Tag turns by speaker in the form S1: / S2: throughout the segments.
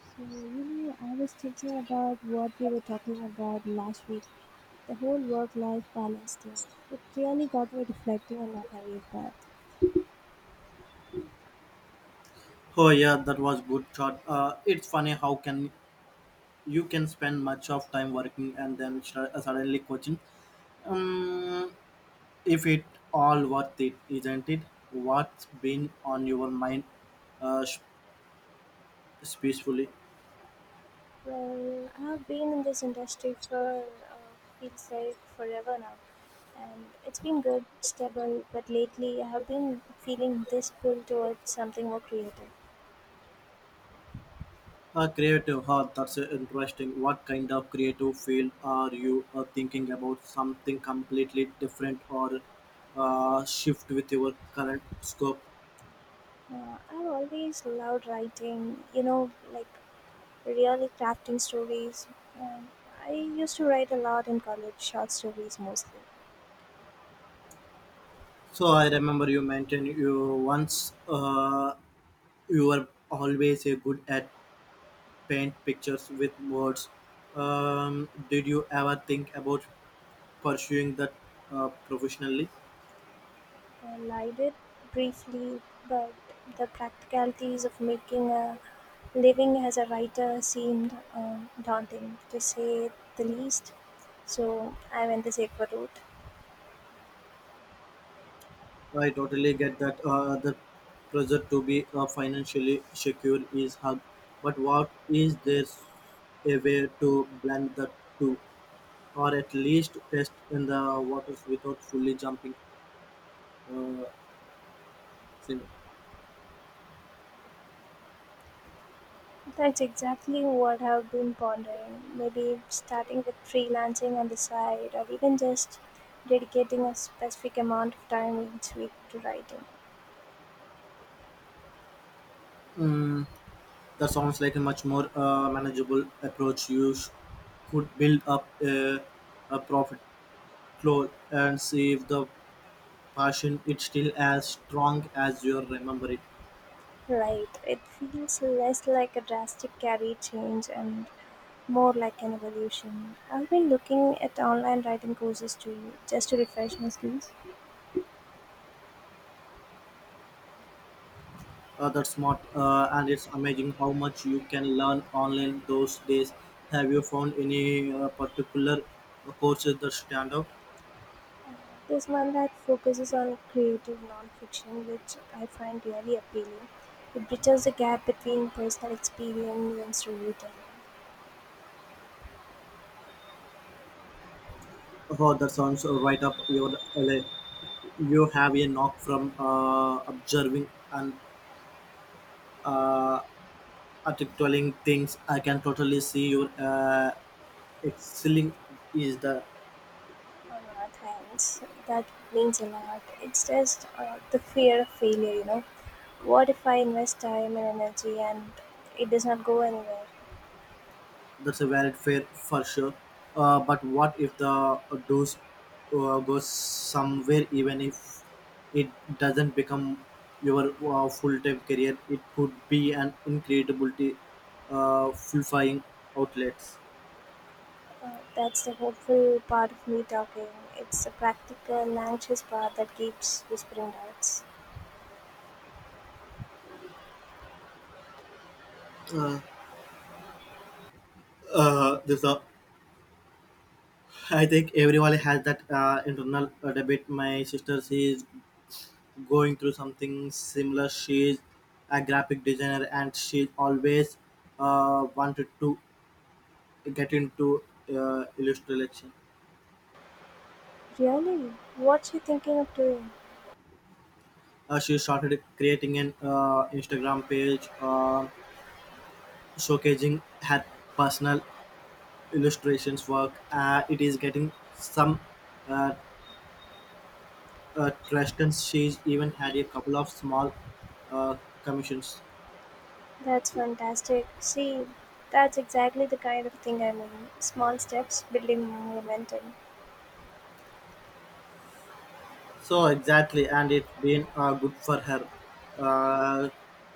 S1: So, you know, I was thinking about what we were talking about last week, the whole work life balance thing. It really got me reflecting on my career path.
S2: Oh yeah, that was good shot. It's funny how can you can spend much of time working and then suddenly coaching. Um, if it all worth it, isn't it? What's been on your mind, uh, sh- peacefully?
S1: Well, I've been in this industry for feels like forever now, and it's been good, stable. But lately, I have been feeling this pull towards something more creative.
S2: Creative heart. That's interesting. What kind of creative field are you thinking about? Something completely different or shift with your current scope?
S1: I've always loved writing, you know, like really crafting stories. Um, I used to write a lot in college, short stories mostly.
S2: So I remember you mentioned you once. You were always a good at paint pictures with words. Did you ever think about pursuing that professionally?
S1: Well, I did briefly, but the practicalities of making a living as a writer seemed daunting, to say the least. So I went the safer route.
S2: I totally get that the pressure to be financially secure is hard, but what is there a way to blend the two, or at least test in the waters without fully jumping? Uh, sim-
S1: That's exactly what I've been pondering. Maybe starting with freelancing on the side, or even just dedicating a specific amount of time each week to writing.
S2: Mm, that sounds like a much more manageable approach. You could build up a profit flow and see if the passion is still as strong as you remember it.
S1: Right. It feels less like a drastic career change and more like an evolution. I've been looking at online writing courses too, just to refresh my skills.
S2: That's smart, and it's amazing how much you can learn online those days. Have you found any particular courses that stand out?
S1: There's one that focuses on creative nonfiction, which I find really appealing. It bridges the gap between personal experience and storytelling.
S2: Oh, that sounds right up your alley. You have a knock from observing and uh, articulating things I can totally see your excelling is the
S1: On our hands, that means a lot. It's just the fear of failure, you know. What if I invest time and energy and it does not go anywhere?
S2: that's a valid fair for sure but what if the dose goes somewhere even if it doesn't become your full-time career it could be an incredibility fulfilling outlets
S1: That's the hopeful part of me talking. It's the practical and anxious part that keeps whispering doubts.
S2: uh, uh, this, uh, I think everyone has that internal debate. My sister, she is going through something similar. She's a graphic designer and she always wanted to get into illustration.
S1: Really? What you thinking of doing?
S2: She started creating an Instagram page showcasing her personal illustrations work. It is getting some uh, traction. She's even had a couple of small uh, commissions.
S1: That's fantastic. See, that's exactly the kind of thing I mean. Small steps building momentum.
S2: So exactly, and it's been good for her. Uh,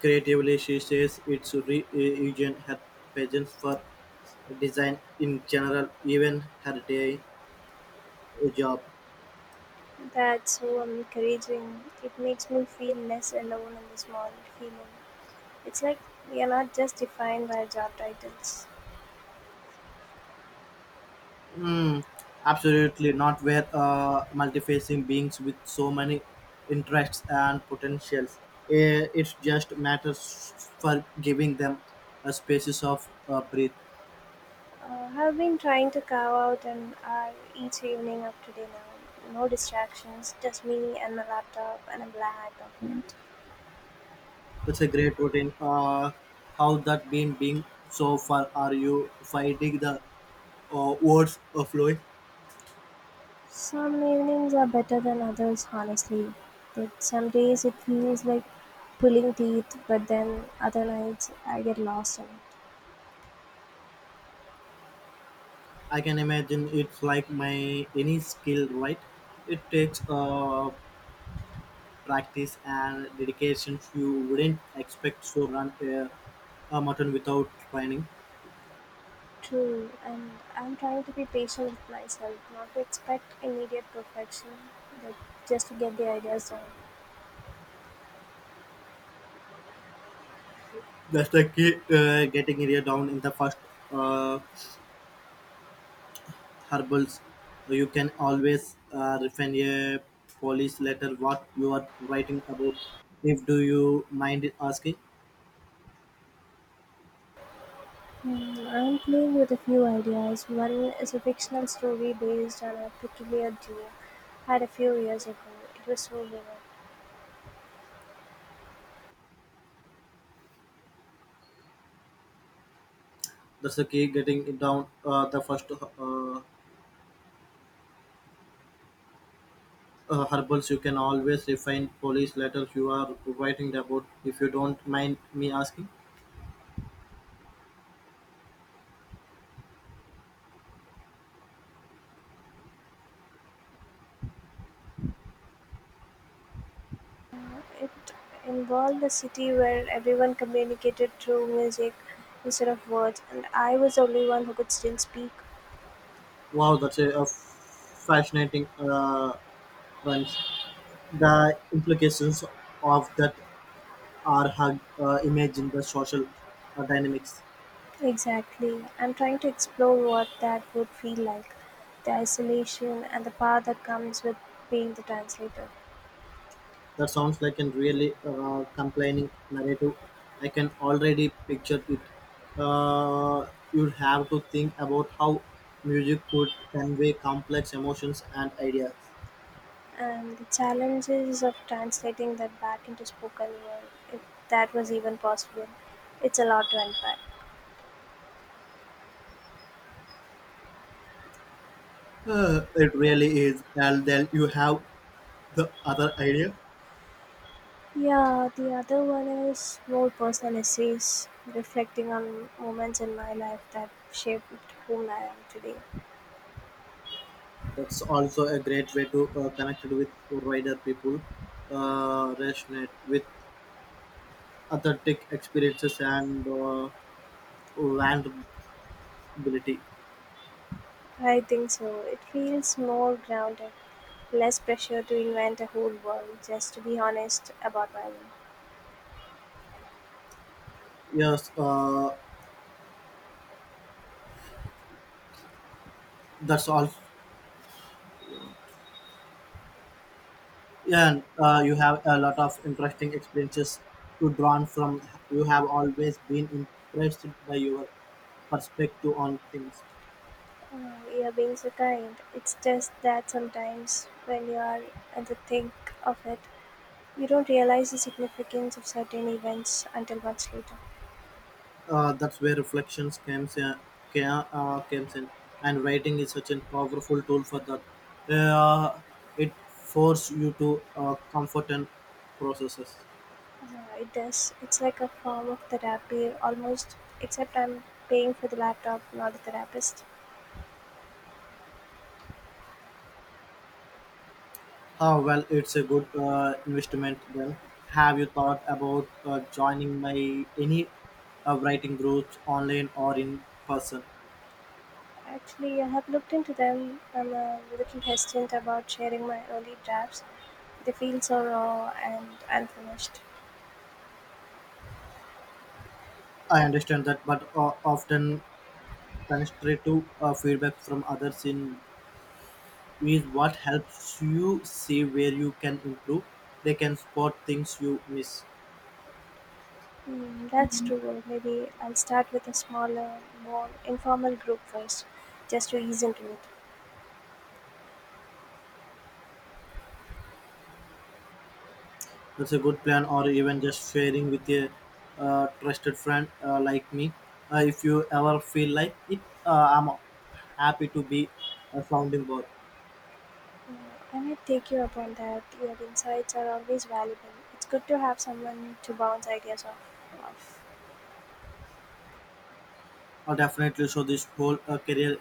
S2: creatively, she says it's region her pageants for design in general, even her day job.
S1: That's so encouraging. It makes me feel less alone in the small feeling. It's like we are not just defined by job titles.
S2: Mm, absolutely not where multifacing beings with so many interests and potentials. It just matters for giving them a spaces of breath.
S1: I've been trying to carve out an hour each evening up to dinner. No distractions, just me and my laptop and a blank document.
S2: That's a great routine. How that been being so far? Are you finding the words of flowing?
S1: Some evenings are better than others, honestly. That some days it feels like pulling teeth, but then other nights I get lost in it.
S2: I can imagine it's like my any skill, right? It takes practice and dedication. You wouldn't expect to run a marathon without training.
S1: True, and I'm trying to be patient with myself, not to expect immediate perfection, but just to get the ideas down.
S2: That's the key getting area down in the first uh, herbals. So you can always refine a polish letter what you are writing about. If do you mind asking?
S1: Hmm, I'm playing with a few ideas. One is a fictional story based on a peculiar dream I had a few years ago. It was so vivid.
S2: That's the key. Getting it down the first herbals you can always refine polish letters you are writing about. If you don't mind me asking,
S1: It involved a city where everyone communicated through music instead of words, and I was the only one who could still speak.
S2: wow, that's a fascinating runs. The implications of that are hard, imagine the social dynamics.
S1: Exactly. I'm trying to explore what that would feel like the isolation and the power that comes with being the translator,
S2: That sounds like a really complaining narrative. I can already picture it. You'd have to think about how music could convey complex emotions and ideas.
S1: and the challenges of translating that back into spoken word, if that was even possible. It's a lot to unpack.
S2: It really is. And then you have the other idea.
S1: Yeah, the other one is more personal essays reflecting on moments in my life that shaped whom I am today.
S2: That's also a great way to connect with wider people, resonate with authentic experiences and vulnerability.
S1: I think so. It feels more grounded, less pressure to invent a whole world, just to be honest about my life.
S2: Yes, that's all. Yeah, and, you have a lot of interesting experiences to draw from. You have always been impressed by your perspective on things.
S1: You're being so kind. It's just that sometimes when you are at the think of it, you don't realize the significance of certain events until much later.
S2: That's where reflections comes in, comes in, and writing is such a powerful tool for that. Uh, it forces you to comfort and processes.
S1: Yeah, it does. It's like a form of therapy almost, except I'm paying for the laptop, not the therapist.
S2: Oh, well, it's a good investment then. Have you thought about joining my any writing groups online or in person?
S1: Actually, I have looked into them. I'm a little hesitant about sharing my early drafts. They feel so raw and unfinished.
S2: I understand that, but often constructive feedback from others in is what helps you see where you can improve. They can spot things you miss.
S1: Hmm, that's true. Maybe I'll start with a smaller, more informal group first, just to ease into it.
S2: That's a good plan, or even just sharing with a trusted friend like me. If you ever feel like it, I'm happy to be a sounding board.
S1: Mm, I might take you up on that. Your insights are always valuable. It's good to have someone to bounce ideas off.
S2: Definitely. So this whole career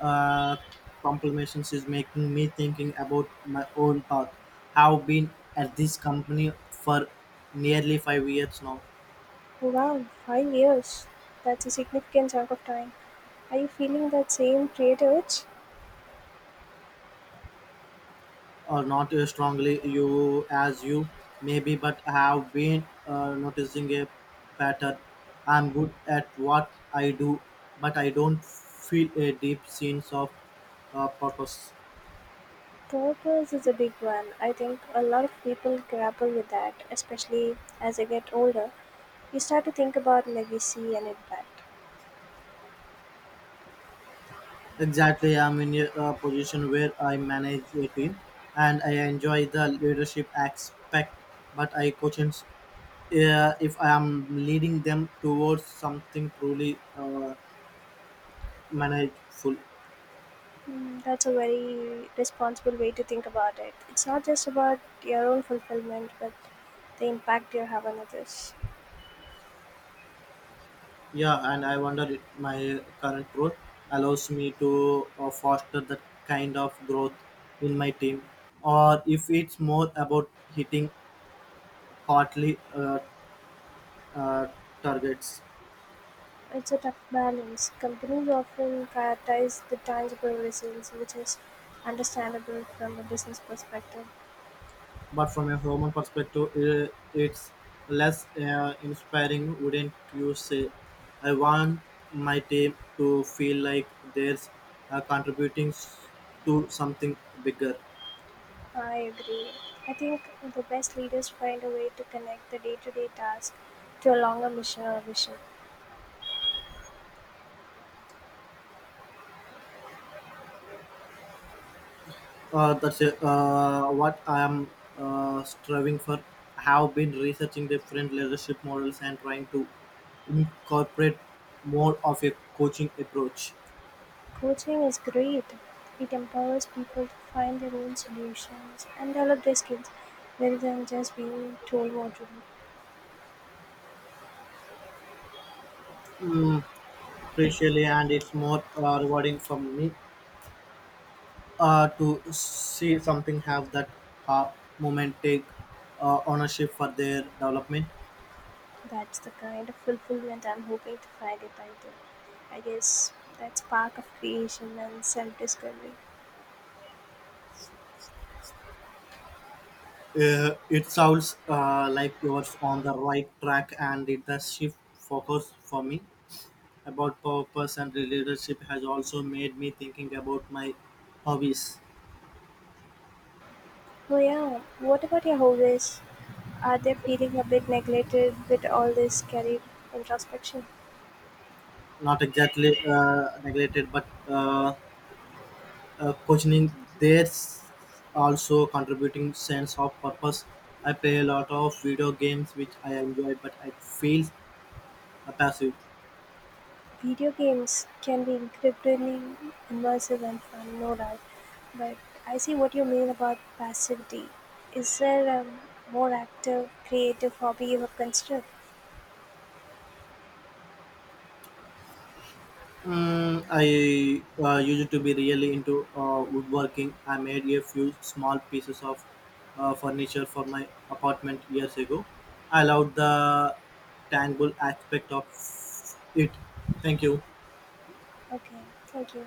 S2: uh, complimentations is making me thinking about my own path. Have been at this company for nearly 5 years now,
S1: Wow, 5 years. That's a significant chunk of time. Are you feeling that same creative itch?
S2: or not as strongly you as you maybe, but I have been noticing a pattern. I'm good at what I do, but I don't feel a deep sense of purpose.
S1: Purpose is a big one. I think a lot of people grapple with that, especially as they get older. You start to think about legacy and impact.
S2: Exactly, I'm in a position where I manage a team and I enjoy the leadership aspect, but I question, if I am leading them towards something truly manageable.
S1: Mm, that's a very responsible way to think about it. It's not just about your own fulfillment, but the impact you have on others.
S2: Yeah, and I wonder if my current role allows me to foster that kind of growth in my team, or if it's more about hitting quarterly uh, targets.
S1: It's a tough balance. Companies often prioritize the tangible results, which is understandable from a business perspective.
S2: But from a human perspective, it's less inspiring, wouldn't you say? I want my team to feel like they're contributing to something bigger.
S1: I agree. I think the best leaders find a way to connect the day to day task to a longer mission or vision.
S2: That's what I'm striving for. I have been researching different leadership models and trying to incorporate more of a coaching approach.
S1: Coaching is great, it empowers people to find their own solutions and develop their skills rather than just being told what to do.
S2: Mm, appreciably, and it's more rewarding for me to see something have that ha- moment take ownership for their development.
S1: That's the kind of fulfillment I'm hoping to find it until. I guess that spark of creation and self discovery.
S2: It sounds like you're on the right track, and it does shift focus for me about purpose and leadership has also made me thinking about my hobbies.
S1: Oh, yeah. What about your hobbies? Are they feeling a bit neglected with all this career introspection?
S2: Not exactly neglected, but questioning there's also contributing sense of purpose. I play a lot of video games which I enjoy, but I feel a passive.
S1: Video games can be incredibly immersive and fun, no doubt. But I see what you mean about passivity. Is there a more active, creative hobby you have considered?
S2: I used to be really into woodworking. I made a few small pieces of furniture for my apartment years ago. I loved the tangible aspect of it. Thank you.
S1: Okay, thank you.